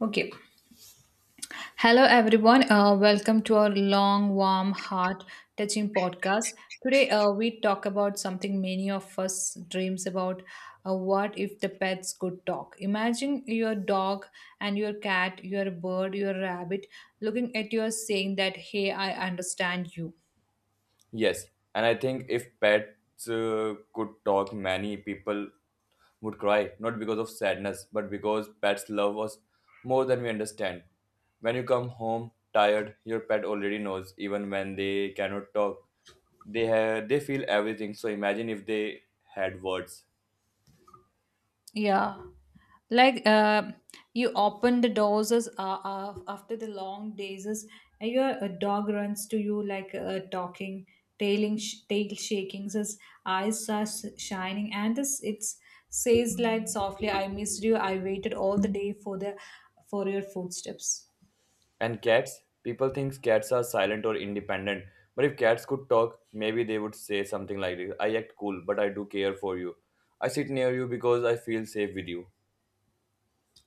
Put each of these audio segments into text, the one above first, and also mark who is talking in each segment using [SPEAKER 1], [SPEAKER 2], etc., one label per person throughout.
[SPEAKER 1] Okay. Hello, everyone. Welcome to our long, warm, heart touching podcast. Today, we talk about something many of us dreams about. What if the pets could talk? Imagine your dog and your cat, your bird, your rabbit looking at you saying that, "Hey, I understand you."
[SPEAKER 2] Yes, and I think if pets could talk, many people would cry, not because of sadness, but because pets love us more than we understand. When you come home tired, your pet already knows, even when they cannot talk. They feel everything. So imagine if they had words.
[SPEAKER 1] Yeah. Like you open the doors after the long days, and your a dog runs to you like talking, tail shaking, his eyes are shining, and this it's says like softly, "I missed you. I waited all the day for your footsteps."
[SPEAKER 2] And cats, people think cats are silent or independent. But if cats could talk, maybe they would say something like this. I act cool, but I do care for you. I sit near you because I feel safe with you.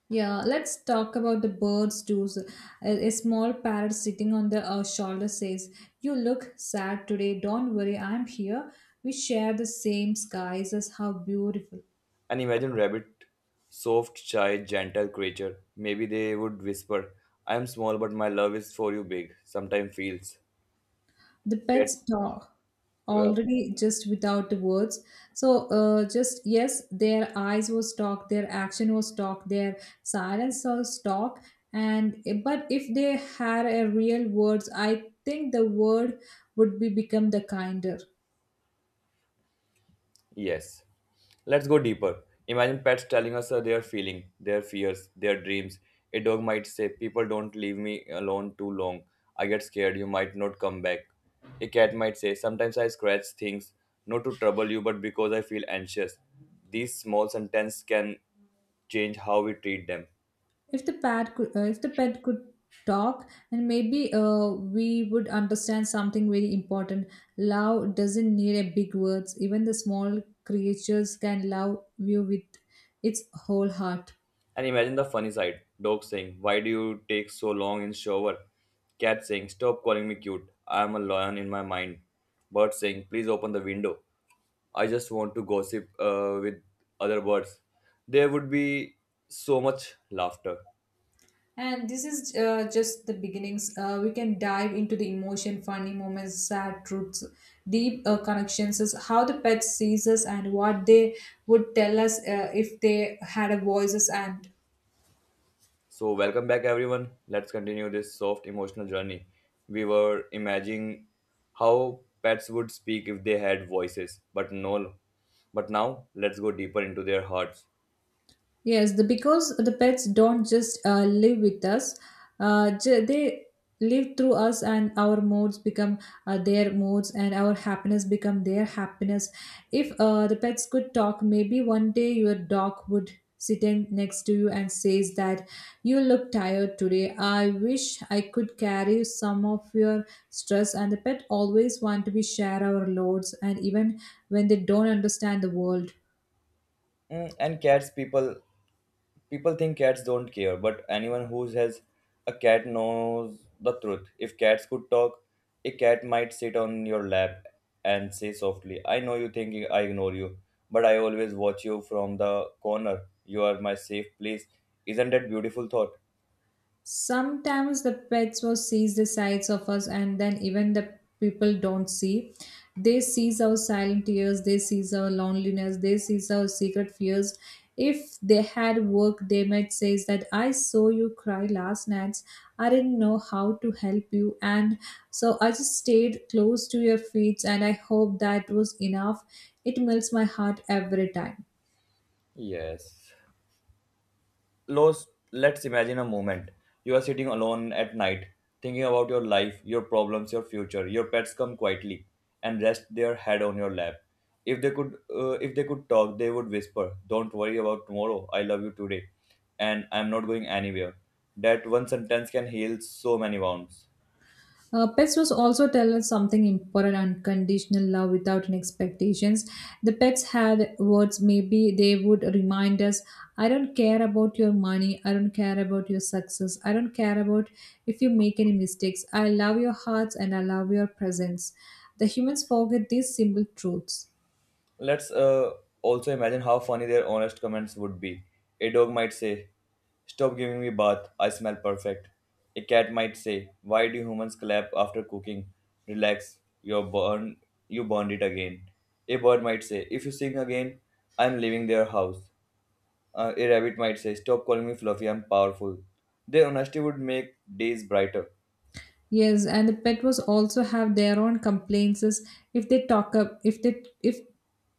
[SPEAKER 1] Yeah, let's talk about the bird's doos. A small parrot sitting on the shoulder says, "You look sad today. Don't worry, I'm here. We share the same skies as how beautiful."
[SPEAKER 2] And imagine rabbit, soft, shy, gentle creature. Maybe they would whisper, I am small, but my love is for you big. Sometimes feels.
[SPEAKER 1] The
[SPEAKER 2] Pets,
[SPEAKER 1] pets talk
[SPEAKER 2] uh,
[SPEAKER 1] already just without the words. So, just yes, their eyes was talk, their action was talk, their silence was talk. And but if they had a real words, I think the word would be become the kinder.
[SPEAKER 2] yes. Let's go deeper. Imagine pets telling us their feeling, their fears, their dreams. A dog might say, "People don't leave me alone too long. I get scared. You might not come back." A cat might say, "Sometimes I scratch things, not to trouble you, but because I feel anxious." These small sentences can change how we treat them.
[SPEAKER 1] If the pet could talk, and maybe we would understand something very important. Love doesn't need a big words, even the small creatures can love you with its whole heart.
[SPEAKER 2] And imagine the funny side. Dog saying, why do you take so long in shower? Cat saying, stop calling me cute. I am a lion in my mind. Bird saying, please open the window. I just want to gossip with other birds. There would be so much laughter.
[SPEAKER 1] And this is just the beginnings. We can dive into the emotion, funny moments, sad truths, deep connections is how the pet sees us and what they would tell us if they had a voices, and
[SPEAKER 2] So, welcome back, everyone. Let's continue this soft emotional journey. We were imagining how pets would speak if they had voices, but no. But now, let's go deeper into their hearts.
[SPEAKER 1] yes, because the pets don't just live with us, they live through us, and our moods become their moods, and our happiness become their happiness. If the pets could talk, maybe one day your dog would sit in next to you and says that, "You look tired today. I wish I could carry some of your stress." And the pet always want to be share our loads, and even when they don't understand the world.
[SPEAKER 2] Mm, and cats, people think cats don't care, but anyone who has a cat knows the truth. If cats could talk, a cat might sit on your lap and say softly, I know you think I ignore you, but I always watch you from the corner. You are my safe place. Isn't that beautiful thought?
[SPEAKER 1] Sometimes the pets will sees the sides of us, and then even the people don't see. They sees our silent tears, they sees our loneliness, they sees our secret fears. If they had work, they might say that, "I saw you cry last night. I didn't know how to help you, and so I just stayed close to your feet, and I hope that was enough." It melts my heart every time.
[SPEAKER 2] Yes. Let's imagine a moment. You are sitting alone at night, thinking about your life, your problems, your future. Your pets come quietly and rest their head on your lap. If they could talk, they would whisper, "Don't worry about tomorrow. I love you today, and I'm not going anywhere." That one sentence can heal so many wounds.
[SPEAKER 1] Pets was also tell us something important, unconditional love without any expectations. The pets had words, maybe they would remind us, "I don't care about your money, I don't care about your success, I don't care about if you make any mistakes. I love your hearts and I love your presence." The humans forget these simple truths.
[SPEAKER 2] Let's also imagine how funny their honest comments would be. A dog might say, stop giving me bath, I smell perfect. A cat might say, why do humans clap after cooking? Relax, you're born, you burned it again. A bird might say, if you sing again, I'm leaving their house. A rabbit might say, stop calling me fluffy, I'm powerful. Their honesty would make days brighter.
[SPEAKER 1] Yes, and the pet was also have their own complaints is. If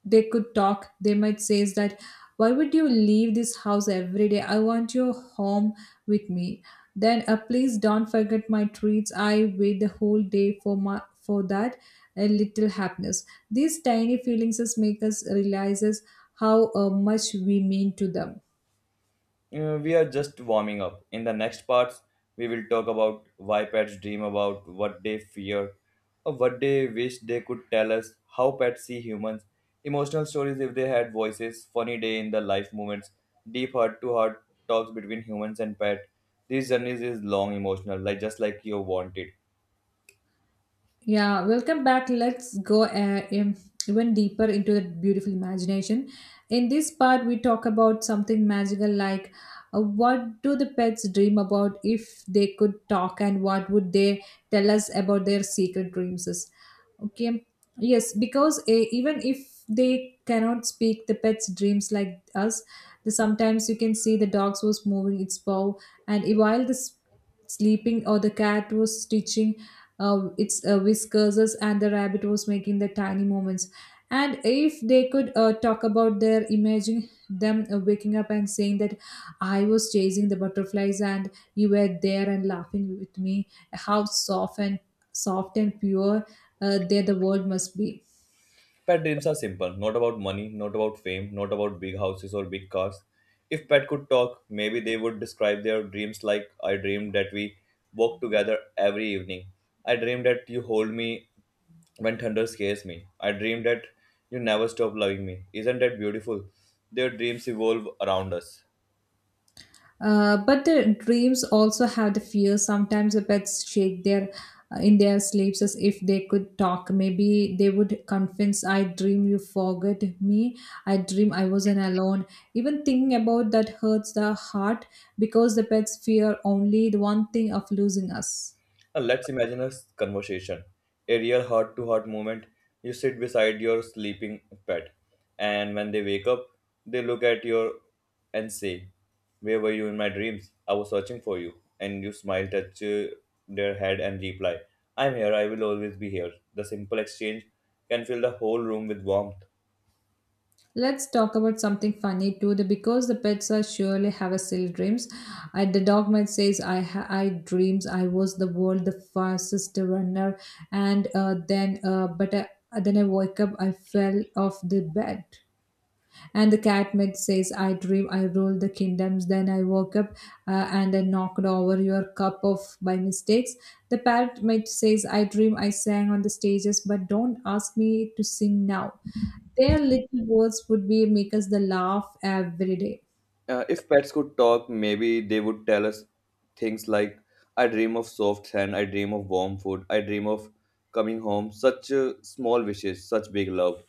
[SPEAKER 1] they could talk, they might say is that, "Why would you leave this house every day? I want you home with me. Then please don't forget my treats. I wait the whole day for that a little happiness." These tiny feelings is make us realizes how much we mean to them.
[SPEAKER 2] We are just warming up. In the next parts, we will talk about why pets dream about what they fear or what they wish they could tell us, how pets see humans, emotional stories if they had voices, funny day in the life moments, deep heart to heart talks between humans and pet. These journeys is long emotional, like just like you wanted.
[SPEAKER 1] Yeah, welcome back. Let's go even deeper into that beautiful imagination. In this part, we talk about something magical like what do the pets dream about if they could talk, and what would they tell us about their secret dreams? Okay, yes, because even if they cannot speak, the pets dreams like us. Sometimes you can see the dogs was moving its paw, and while sleeping, or the cat was stitching its whiskers, and the rabbit was making the tiny movements. And if they could talk about their, imagine them waking up and saying that, "I was chasing the butterflies and you were there and laughing with me. How soft and pure there the world must be."
[SPEAKER 2] Pet dreams are simple, not about money, not about fame, not about big houses or big cars. If pet could talk, maybe they would describe their dreams like I dreamed that we walk together every evening. I dreamed that you hold me when thunder scares me. I dreamed that you never stop loving me. Isn't that beautiful? Their dreams evolve around us.
[SPEAKER 1] But the dreams also have the fear. Sometimes the pets shake their in their sleeps as if they could talk. Maybe they would confess, "I dream you forgot me. I dream I wasn't alone." Even thinking about that hurts the heart because the pets fear only the one thing of losing us.
[SPEAKER 2] And let's imagine a conversation, a real heart to heart moment. You sit beside your sleeping pet, and when they wake up, they look at your and say, where were you in my dreams? I was searching for you. And you smile, touch their head, and reply, I'm here, I will always be here. The simple exchange can fill the whole room with warmth.
[SPEAKER 1] Let's talk about something funny too. The Because the pets are surely have a silly dreams. The dog might says, I dreams I was the world the fastest runner," and then but then I woke up. I fell off the bed. And the cat might says, "I dream I ruled the kingdoms." Then I woke up and I knocked over your cup of by mistakes. The parrot might says, "I dream I sang on the stages," but don't ask me to sing now. Their little words would be make us the laugh every day.
[SPEAKER 2] If pets could talk, maybe they would tell us things like, I dream of soft sand, I dream of warm food, I dream of coming home. Such small wishes, such big love.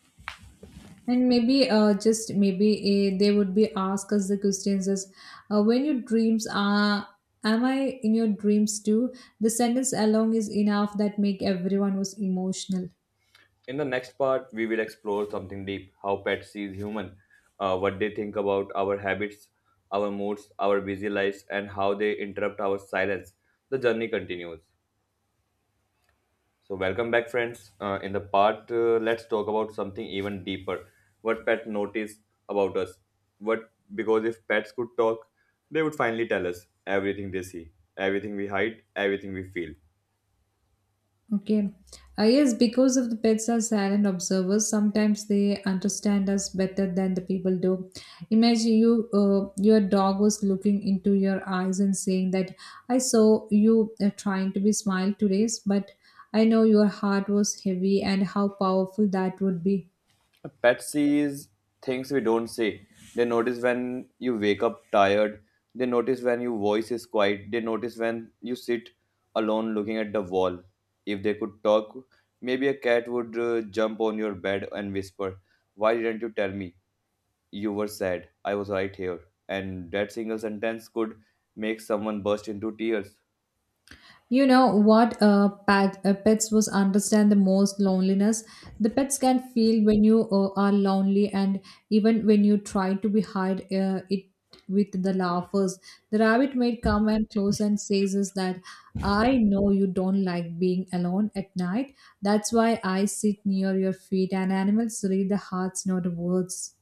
[SPEAKER 1] And maybe, just maybe, they would be ask us the questions as, when your dreams are, am I in your dreams too? The sentence alone is enough that make everyone was emotional.
[SPEAKER 2] In the next part, we will explore something deep how pets sees human, what they think about our habits, our moods, our busy lives, and how they interrupt our silence. The journey continues. So, welcome back, friends. In the part, let's talk about something even deeper. What pet noticed about us? What because if pets could talk, they would finally tell us everything they see, everything we hide, everything we feel.
[SPEAKER 1] Okay. Yes, because of the pets are silent observers, sometimes they understand us better than the people do. Imagine your dog was looking into your eyes and saying that, "I saw you trying to be smile today, but I know your heart was heavy." And how powerful that would be.
[SPEAKER 2] A pet sees things we don't see. They notice when you wake up tired. They notice when your voice is quiet. They notice when you sit alone looking at the wall. If they could talk, maybe a cat would jump on your bed and whisper, "Why didn't you tell me?" You were sad. I was right here. And that single sentence could make someone burst into tears.
[SPEAKER 1] You know what pets was understand the most loneliness. The pets can feel when you are lonely, and even when you try to be hide it with the laughers. The rabbit may come and close and says is that, "I know you don't like being alone at night. That's why I sit near your feet." And animals read the hearts, not the words.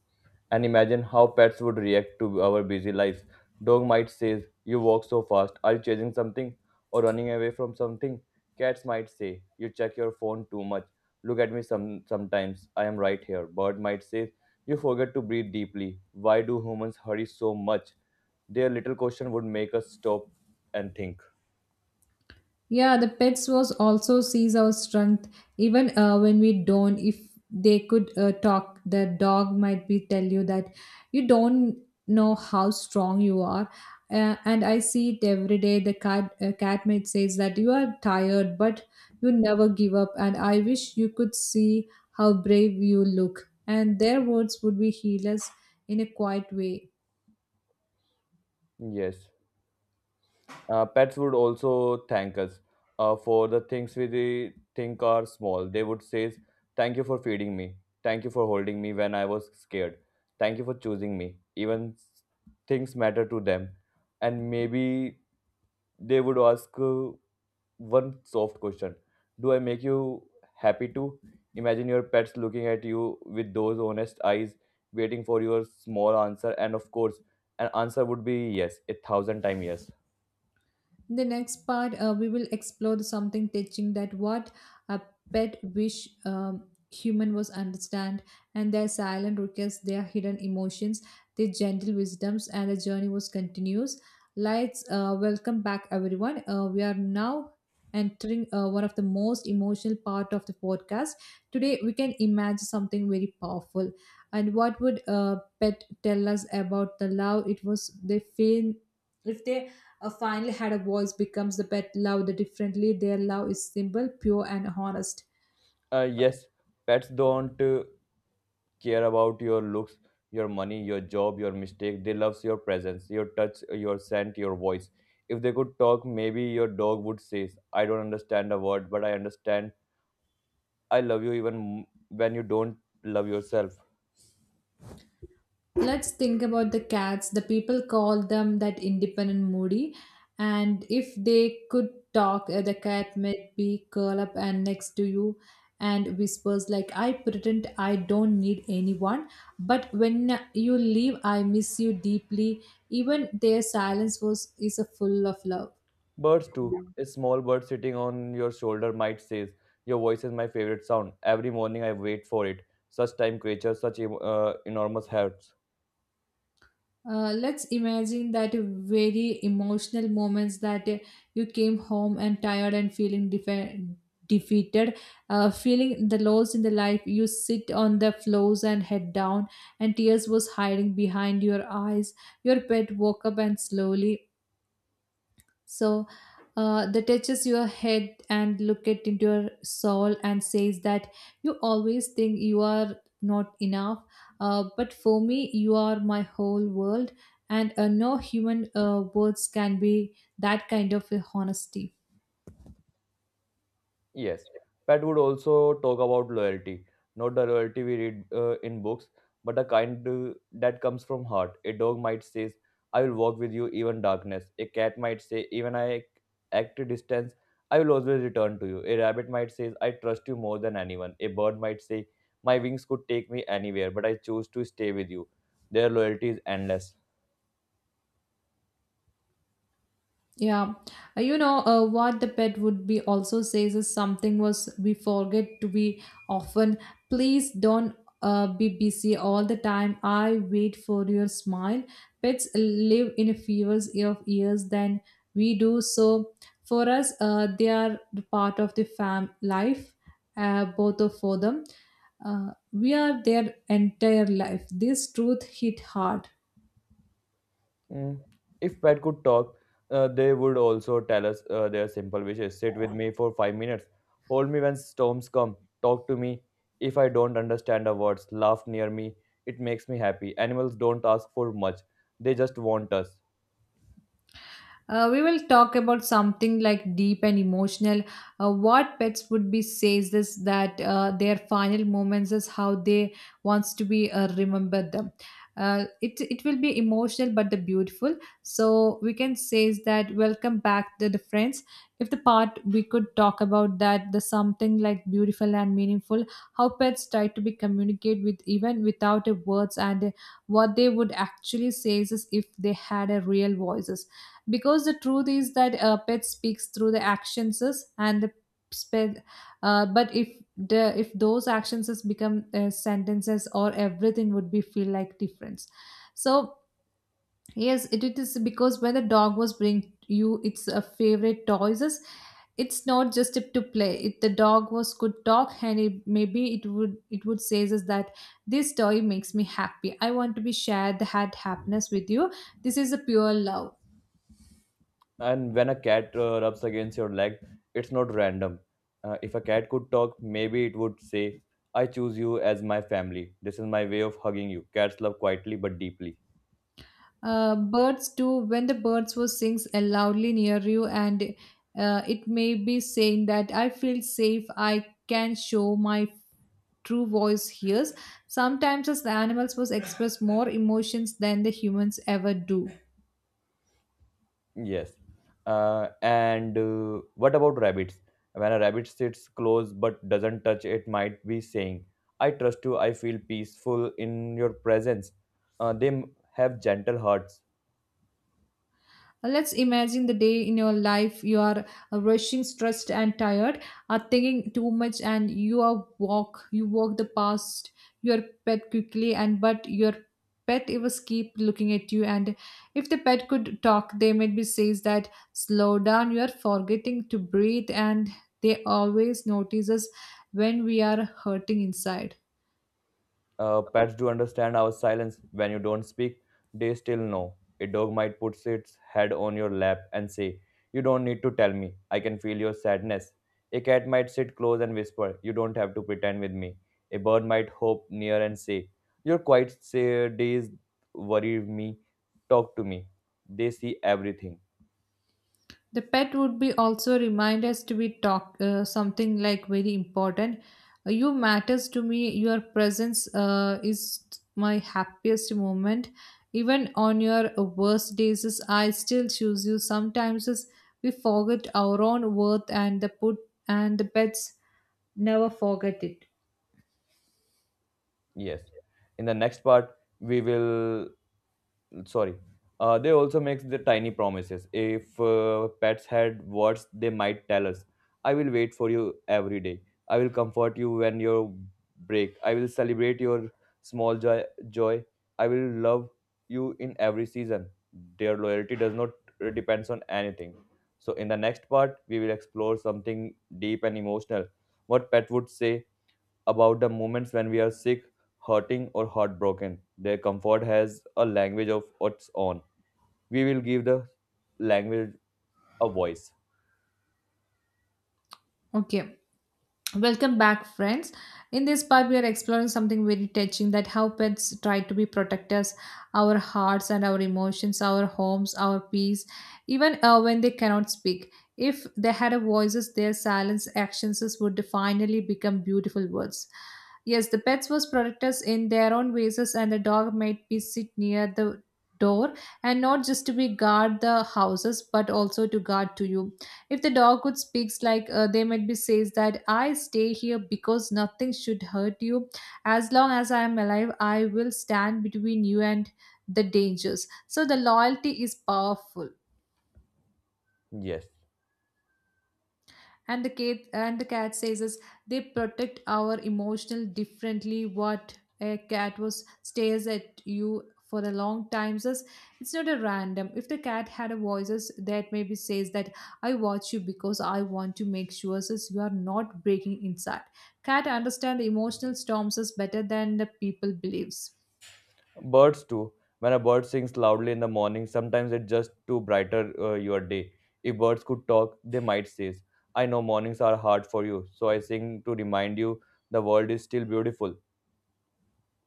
[SPEAKER 2] And imagine how pets would react to our busy lives. Dog might say, you walk so fast, are you chasing something or running away from something? Cats might say, you check your phone too much. Look at me sometimes. I am right here. Bird might say, you forget to breathe deeply. Why do humans hurry so much? Their little question would make us stop and think.
[SPEAKER 1] Yeah, the pets was also sees our strength even when we don't. If they could talk, the dog might be tell you that, "You don't know how strong you are. And I see it every day." The cat Cat mate says that, "You are tired, but you never give up. And I wish you could see how brave you look." And their words would be healers in a quiet way.
[SPEAKER 2] Yes. Pets would also thank us for the things we they think are small. They would say, thank you for feeding me. Thank you for holding me when I was scared. Thank you for choosing me. Even things matter to them. And maybe they would ask one soft question: do I make you happy too? Imagine your pets looking at you with those honest eyes, waiting for your small answer. And of course, an answer would be yes, a thousand times yes.
[SPEAKER 1] In the next part we will explore the something teaching that what a pet wish human was understand, and their silent requests, their hidden emotions, their gentle wisdoms, and the journey was continuous lights. Welcome back, everyone. We are now entering one of the most emotional part of the podcast. Today we can imagine something very powerful. And what would pet tell us about the love it was they feel if they finally, had a voice becomes the pet loved differently. Their love is simple, pure, and honest.
[SPEAKER 2] Yes, pets don't care about your looks, your money, your job, your mistake. They love your presence, your touch, your scent, your voice. If they could talk, maybe your dog would say, I don't understand a word, but I understand I love you even when you don't love yourself.
[SPEAKER 1] Let's think about the cats. The people call them that independent moody, and if they could talk, the cat might be curl up and next to you and whispers like, "I pretend I don't need anyone, but when you leave, I miss you deeply." Even their silence was is a full of love.
[SPEAKER 2] Birds, too. A small bird sitting on your shoulder might say, your voice is my favorite sound. Every morning I wait for it. Such time creatures, such enormous hearts.
[SPEAKER 1] Let's imagine that very emotional moments that you came home and tired and feeling defeated, feeling the loss in the life. You sit on the floors and head down, and tears was hiding behind your eyes. Your pet woke up and slowly so that touches your head and look it into your soul and says that, "You always think you are not enough, but for me, you are my whole world, and no human words can be that kind of a honesty."
[SPEAKER 2] Yes, Pat would also talk about loyalty, not the loyalty we read in books, but the kind that comes from heart. A dog might say, "I will walk with you even darkness." A cat might say, "Even I act to distance, I will always return to you." A rabbit might say, "I trust you more than anyone." A bird might say, "My wings could take me anywhere, but I choose to stay with you." Their loyalty is endless.
[SPEAKER 1] Yeah. You know what the pet would be also says is something was we forget to be often. Please don't be busy all the time. I wait for your smile. Pets live in a fewer of years than we do. So for us, they are the part of the fam life. Both of for them, we are their entire life. This truth hit hard.
[SPEAKER 2] Mm. If pet could talk, they would also tell us their simple wishes. Sit with me for 5 minutes. Hold me when storms come. Talk to me if I don't understand the words. Laugh near me. It makes me happy. Animals don't ask for much. They just want us.
[SPEAKER 1] We will talk about something like deep and emotional. What pets would be says is that their final moments is how they wants to be remembered them. It will be emotional but the beautiful. So we can say is that welcome back to the friends. If the part we could talk about that the something like beautiful and meaningful, how pets try to be communicate with even without a words and what they would actually say is if they had a real voices, because the truth is that a pet speaks through the actions is, and spe- but if the if those actions is become sentences, or everything would be feel like difference. So yes, it is, because when the dog was bring you its favorite toys is, it's not just to play. If the dog was could talk and it, maybe it would says is that this toy makes me happy, I want to be shared the had happiness with you. This is a pure love.
[SPEAKER 2] And when a cat rubs against your leg, it's not random. If a cat could talk, maybe it would say, I choose you as my family. This is my way of hugging you. Cats love quietly but deeply.
[SPEAKER 1] Birds do, when the birds will sings loudly near you, and it may be saying that I feel safe, I can show my true voice here. Sometimes as the animals was express more emotions than the humans ever do.
[SPEAKER 2] Yes. And what about rabbits? When a rabbit sits close but doesn't touch, it might be saying, I trust you, I feel peaceful in your presence. They have gentle hearts.
[SPEAKER 1] Let's imagine the day in your life. You are rushing, stressed, and tired, are thinking too much, and you are walk. You walk the past your pet quickly, and but your pet always keep looking at you. And if the pet could talk, they might be says that slow down. You are forgetting to breathe, and they always notice us when we are hurting inside.
[SPEAKER 2] Pets do understand our silence. When you don't speak, they still know. A dog might put its head on your lap and say, you don't need to tell me. I can feel your sadness. A cat might sit close and whisper, you don't have to pretend with me. A bird might hop near and say, your quiet say, days worry me. Talk to me. They see everything.
[SPEAKER 1] The pet would be also remind us to be talk something like very important. You matters to me. Your presence is my happiest moment. Even on your worst days is I still choose you. Sometimes is we forget our own worth, and the put and the pets never forget it.
[SPEAKER 2] Yes. In the next part, we will sorry they also make the tiny promises. If pets had words, they might tell us, I will wait for you every day, I will comfort you when you break, I will celebrate your small joy, I will love you in every season. Their loyalty does not depends on anything. So in the next part, we will explore something deep and emotional: what pet would say about the moments when we are sick, hurting, or heartbroken. Their comfort has a language of its own. We will give the language a voice.
[SPEAKER 1] Okay. Welcome back, friends. In this part, we are exploring something very touching, that how pets try to be protectors, our hearts and our emotions, our homes, our peace, even when they cannot speak. If they had a voices, their silence actions would finally become beautiful words. Yes, the pets was protectors in their own ways, and the dog might be sit near the door and not just to be guard the houses but also to guard to you. If the dog could speaks, like they might be says that I stay here because nothing should hurt you. As long as I am alive, I will stand between you and the dangers. So the loyalty is powerful.
[SPEAKER 2] Yes.
[SPEAKER 1] And the cat says is they protect our emotional differently. What a cat was stares at you for a long time says, it's not a random. If the cat had a voices, that maybe says that I watch you because I want to make sure says you are not breaking inside. Cat understand emotional storms is better than the people believes.
[SPEAKER 2] Birds too. When a bird sings loudly in the morning, sometimes it just to brighter your day. If birds could talk, they might say, "I know mornings are hard for you, so I sing to remind you the world is still beautiful."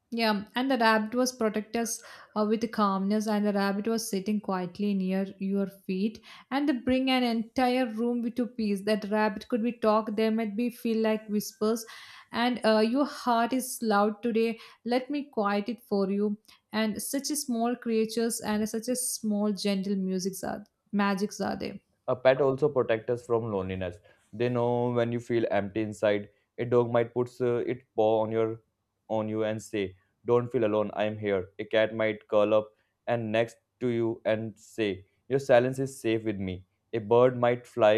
[SPEAKER 1] Yeah, and the rabbit was protect us with calmness, and the rabbit was sitting quietly near your feet, and they bring an entire room with to peace. That rabbit could be talked, there might be feel like whispers, and your heart is loud today. Let me quiet it for you. And such a small creatures, and such a small gentle musics are magics are there.
[SPEAKER 2] A pet also protects us from loneliness. They know when you feel empty inside. A dog might put its paw on you and say, "Don't feel alone. I am here." A cat might curl up and next to you and say, "Your silence is safe with me." A bird might fly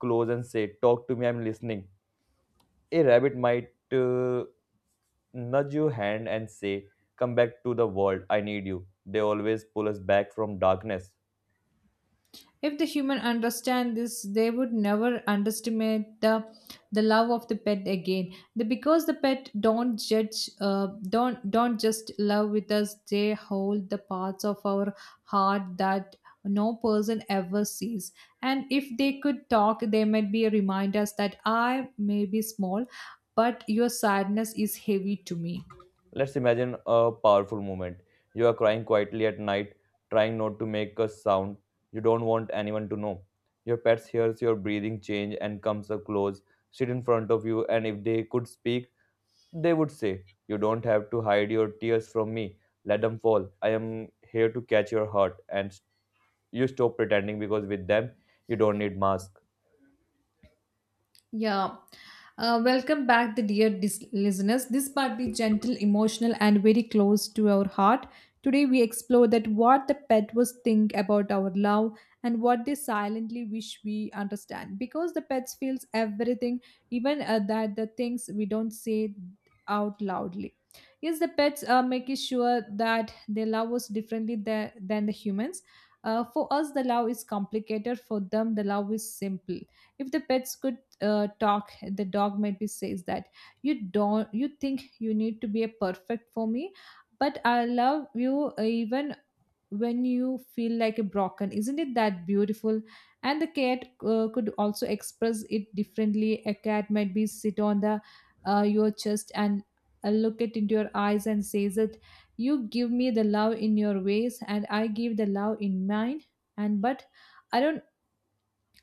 [SPEAKER 2] close and say, "Talk to me. I'm listening." A rabbit might uh, nudge your hand and say, "Come back to the world. I need you." They always pull us back from darkness.
[SPEAKER 1] If the human understand this, they would never underestimate the love of the pet again. Because the pet don't judge, don't just love with us. They hold the parts of our heart that no person ever sees. And if they could talk, they might be a remind us that I may be small, but your sadness is heavy to me.
[SPEAKER 2] Let's imagine a powerful moment. You are crying quietly at night, trying not to make a sound you don't want anyone to know. Your pet hears your breathing change and comes up close, sit in front of you, and if they could speak, they would say, "You don't have to hide your tears from me. Let them fall. I am here to catch your heart." And you stop pretending because with them, you don't need masks.
[SPEAKER 1] Yeah. Welcome back, the dear listeners. This part is gentle, emotional, and very close to our heart. Today, we explore that what the pet was think about our love, and what they silently wish we understand. Because the pets feels everything, even that the things we don't say out loudly. Yes, the pets are making sure that they love us differently than the humans. For us, the love is complicated. For them, the love is simple. If the pets could talk, the dog might be says that you don't, you think you need to be a perfect for me, but I love you even when you feel like a broken. Isn't it that beautiful? And the cat could also express it differently. A cat might be sit on the your chest and look it into your eyes and says that you give me the love in your ways and I give the love in mine, and but I don't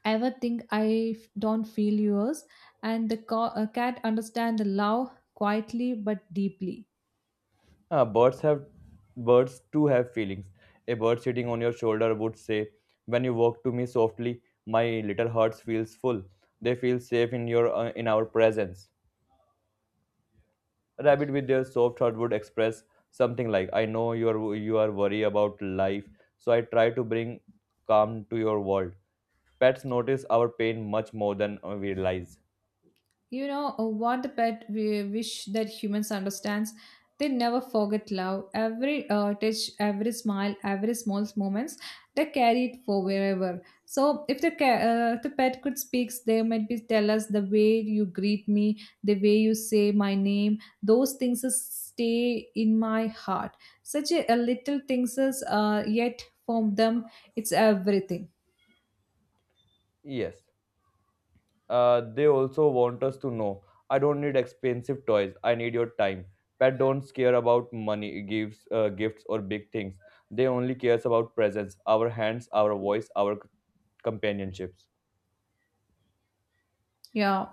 [SPEAKER 1] ever think I don't feel yours. And the cat understand the love quietly but deeply.
[SPEAKER 2] Uh, birds have birds too have feelings. A bird sitting on your shoulder would say, "When you walk to me softly, my little heart feels full. They feel safe in your in our presence." A rabbit with their soft heart would express something like, "I know you are worried about life, so I try to bring calm to your world." Pets notice our pain much more than we realize.
[SPEAKER 1] You know, what the pet we wish that humans understands. They never forget love. Every touch, every smile, every small moments, they carry it for wherever. So if the pet could speak, they might be tell us the way you greet me, the way you say my name. Those things is stay in my heart. Such a little things is yet for them, it's everything.
[SPEAKER 2] Yes. They also want us to know I don't need expensive toys, I need your time. Pet don't care about money, gifts, or big things. They only cares about presence, our hands, our voice, our companionships.
[SPEAKER 1] Yeah.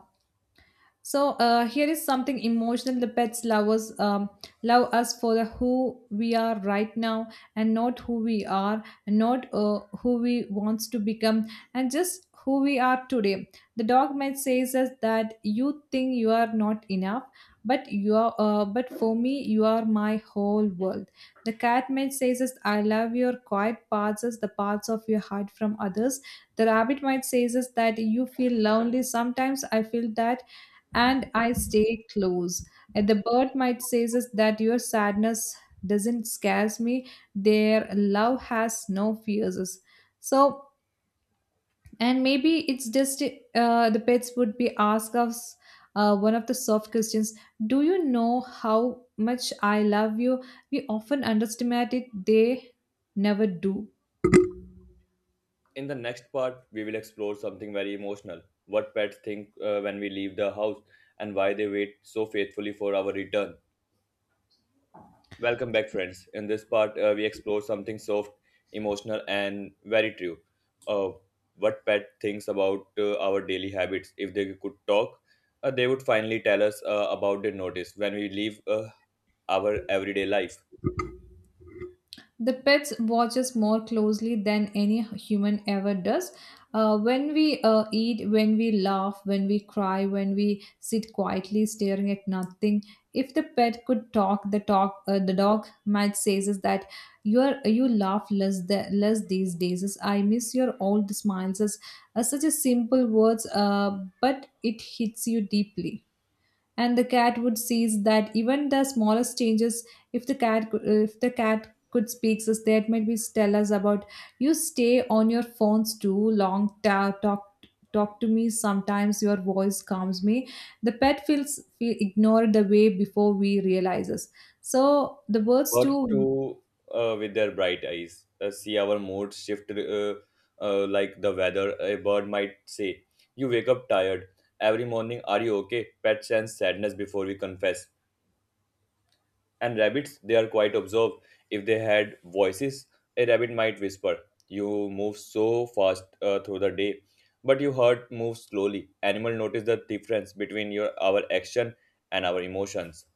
[SPEAKER 1] So here is something emotional. The pets love us for the who we are right now, and not who we are, and not who we wants to become, and just who we are today. The dog might says us that you think you are not enough, but you are. But for me, you are my whole world. The cat might says us, I love your quiet parts, as the parts of your heart from others. The rabbit might says us that you feel lonely. Sometimes I feel that, and I stay close. And the bird might say is that your sadness doesn't scares me. Their love has no fears. So, and maybe it's just the pets would be ask us one of the soft questions. Do you know how much I love you? We often underestimate it. They never do.
[SPEAKER 2] In the next part, we will explore something very emotional. What pets think when we leave the house and why they wait so faithfully for our return. Welcome back, friends. In this part, we explore something soft, emotional, and very true. Uh, what pet thinks about our daily habits. If they could talk, they would finally tell us about their notice when we leave our everyday life.
[SPEAKER 1] The pets watch us more closely than any human ever does. When we eat, when we laugh, when we cry, when we sit quietly staring at nothing, if the pet could talk, the dog might says is that you are, you laugh less less these days. Is I miss your old smiles. Is such a simple words, but it hits you deeply. And the cat would sees that even the smallest changes. If the cat could speak us that, might be tell us about you stay on your phones too long. Talk to me sometimes, your voice calms me. The pet feel ignored the way before we realizes. So the words too.
[SPEAKER 2] Birds too, with their bright eyes, see our moods shift like the weather. A bird might say, "You wake up tired. Every morning, are you okay?" Pet sense sadness before we confess. And rabbits, they are quite observed. If they had voices, a rabbit might whisper, "You move so fast through the day, but your heart moves slowly." Animal notice the difference between your our action and our emotions.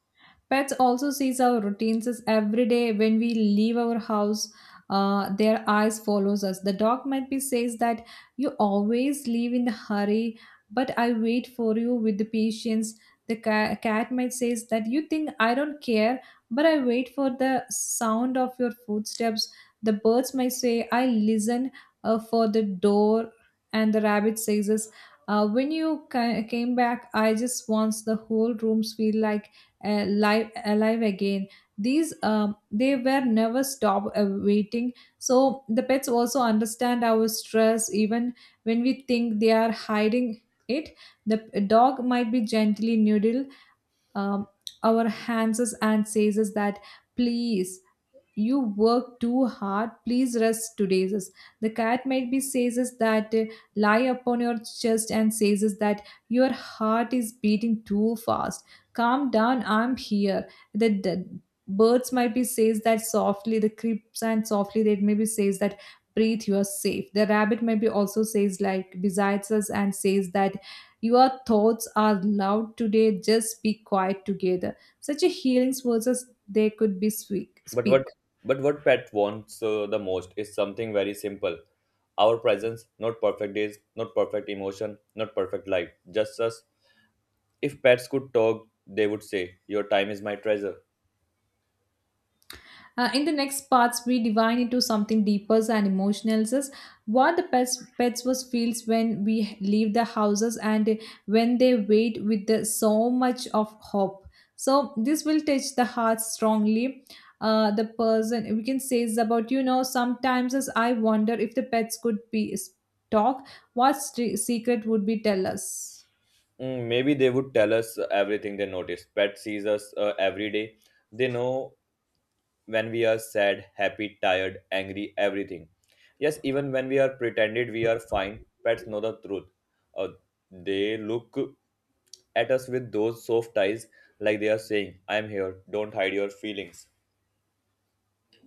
[SPEAKER 1] Pets also sees our routines as every day when we leave our house. Their eyes follows us. The dog might be says that you always leave in the hurry, but I wait for you with the patience. The cat might says that you think I don't care, but I wait for the sound of your footsteps. The birds might say I listen for the door, and the rabbit says, "When you came back, I just wants the whole rooms feel like." Live alive again. These They were never stop waiting. So the pets also understand our stress, even when we think they are hiding it. The dog might be gently noodle um, our hands and says is that, please, you work too hard, please rest today says. The cat might be says is that lie upon your chest and says is that your heart is beating too fast, calm down, I'm here. The birds might be says that softly the creeps, and softly they maybe says that breathe, you are safe. The rabbit maybe also says like besides us and says that your thoughts are loud today, just be quiet together. Such a healing versus they could be speak.
[SPEAKER 2] But what
[SPEAKER 1] speak.
[SPEAKER 2] but what pet wants the most is something very simple. Our presence, not perfect days, not perfect emotion, not perfect life, just us. If pets could talk, they would say, "Your time is my treasure."
[SPEAKER 1] In the next parts, we divine into something deeper and emotional, such what the pets was feels when we leave the houses, and when they wait with the, so much of hope. So this will touch the heart strongly. The person we can say is about, you know, sometimes as I wonder if the pets could be talk, what secret would be tell us.
[SPEAKER 2] Mm, maybe they would tell us everything they notice. Pet sees us every day. They know when we are sad, happy, tired, angry, everything. Yes, even when we are pretended we are fine, pets know the truth. Uh, they look at us with those soft eyes, like they are saying, "I'm here. Don't hide your feelings."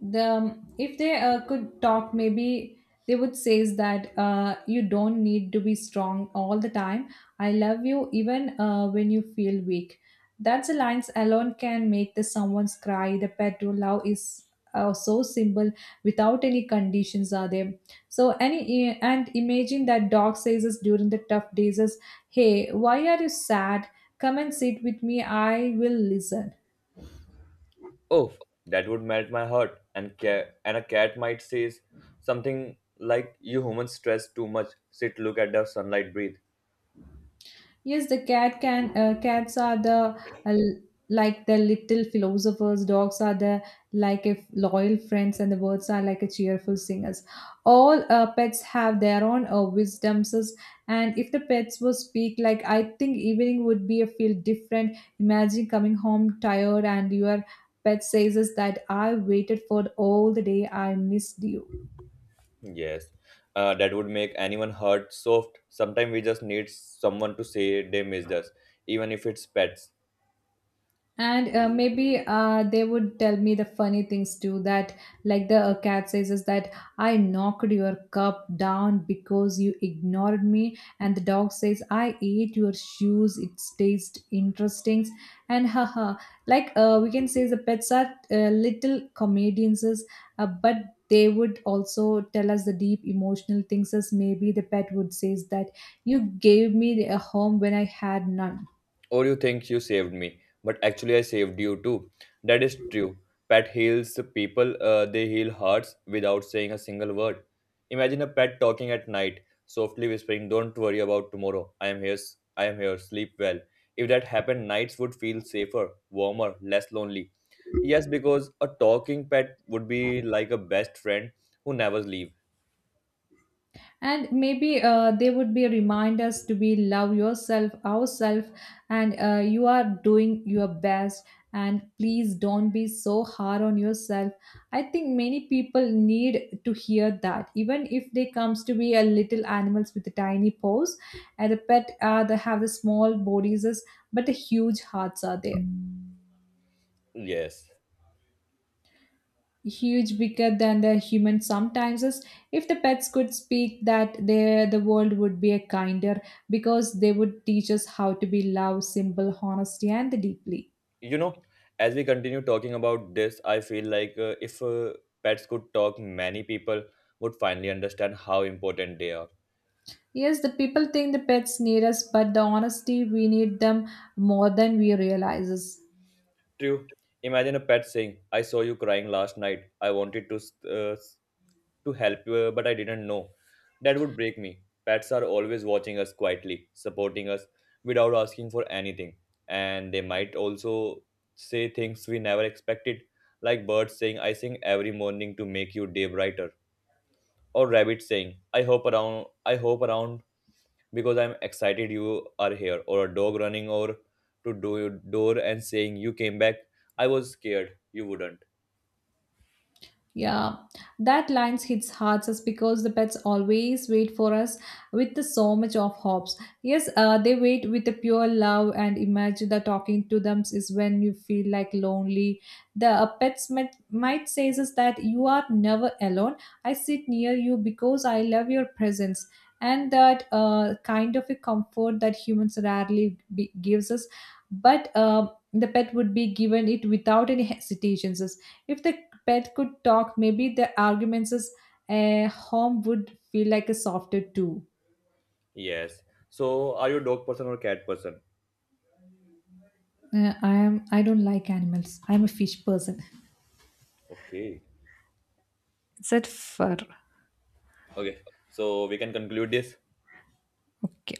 [SPEAKER 1] The if they could talk, maybe they would say is that you don't need to be strong all the time, I love you even when you feel weak. That's a lines alone can make the someone's cry. The pet to love is so simple, without any conditions are there. So any, and imagine that dog says us during the tough days is, hey, why are you sad? Come and sit with me, I will listen.
[SPEAKER 2] Oh, that would melt my heart. And and a cat might say something like, "You humans stress too much. Sit, look at the sunlight, breathe."
[SPEAKER 1] Yes, the cat can cats are the uh, like the little philosophers. Dogs are the like if loyal friends, and the birds are like a cheerful singers. All pets have their own wisdoms, and if the pets would speak, like I think evening would be a feel different. Imagine coming home tired, and your pet says us that I waited for all the day. I missed you.
[SPEAKER 2] Yes, that would make anyone hurt soft. Sometimes we just need someone to say they missed us, even if it's pets.
[SPEAKER 1] And maybe they would tell me the funny things too. That, like the cat says, is that I knocked your cup down because you ignored me. And the dog says, I ate your shoes. It tastes interesting. And haha, like we can say the pets are little comedians, but they would also tell us the deep emotional things. As maybe the pet would says that you gave me a home when I had none.
[SPEAKER 2] Or you think you saved me, but actually I saved you too. That is true. Pet heals people, they heal hearts without saying a single word. Imagine a pet talking at night, softly whispering, "Don't worry about tomorrow. I am here, I am here, sleep well." If that happened, nights would feel safer, warmer, less lonely. Yes, because a talking pet would be like a best friend who never leaves.
[SPEAKER 1] And maybe they would be reminders to be love yourself ourself, and you are doing your best, and please don't be so hard on yourself. I think many people need to hear that, even if they comes to be a little animals with a tiny paws. And the pet they have the small bodies but the huge hearts are there,
[SPEAKER 2] Yes.
[SPEAKER 1] huge bigger than the human. Sometimes is, if the pets could speak that the world would be a kinder, because they would teach us how to be love simple honesty and deeply.
[SPEAKER 2] You know, as we continue talking about this, I feel like if pets could talk, many people would finally understand how important they are.
[SPEAKER 1] Yes, the people think the pets need us, but the honesty we need them more than we realizes.
[SPEAKER 2] True. Imagine a pet saying, "I saw you crying last night. I wanted uh, to help you, but I didn't know." That would break me. Pets are always watching us, quietly supporting us without asking for anything. And they might also say things we never expected, like birds saying, "I sing every morning to make your day brighter," or rabbit saying, i hope around "I hope around because I'm excited you are here," or a dog running over to do door and saying, "You came back. I was scared you wouldn't."
[SPEAKER 1] Yeah, that line hits hard us, because the pets always wait for us with the so much of hopes. Yes, they wait with a pure love, and imagine that talking to them is when you feel like lonely. The pets might say us that you are never alone. I sit near you because I love your presence. And that kind of a comfort that humans rarely gives us, but the pet would be given it without any hesitations. If the pet could talk, maybe the arguments is a home would feel like a softer too.
[SPEAKER 2] Yes. So, are you a dog person or cat person?
[SPEAKER 1] I am. I don't like animals. I'm a fish person.
[SPEAKER 2] Okay.
[SPEAKER 1] Is that fur?
[SPEAKER 2] Okay, so we can conclude this.
[SPEAKER 1] Okay.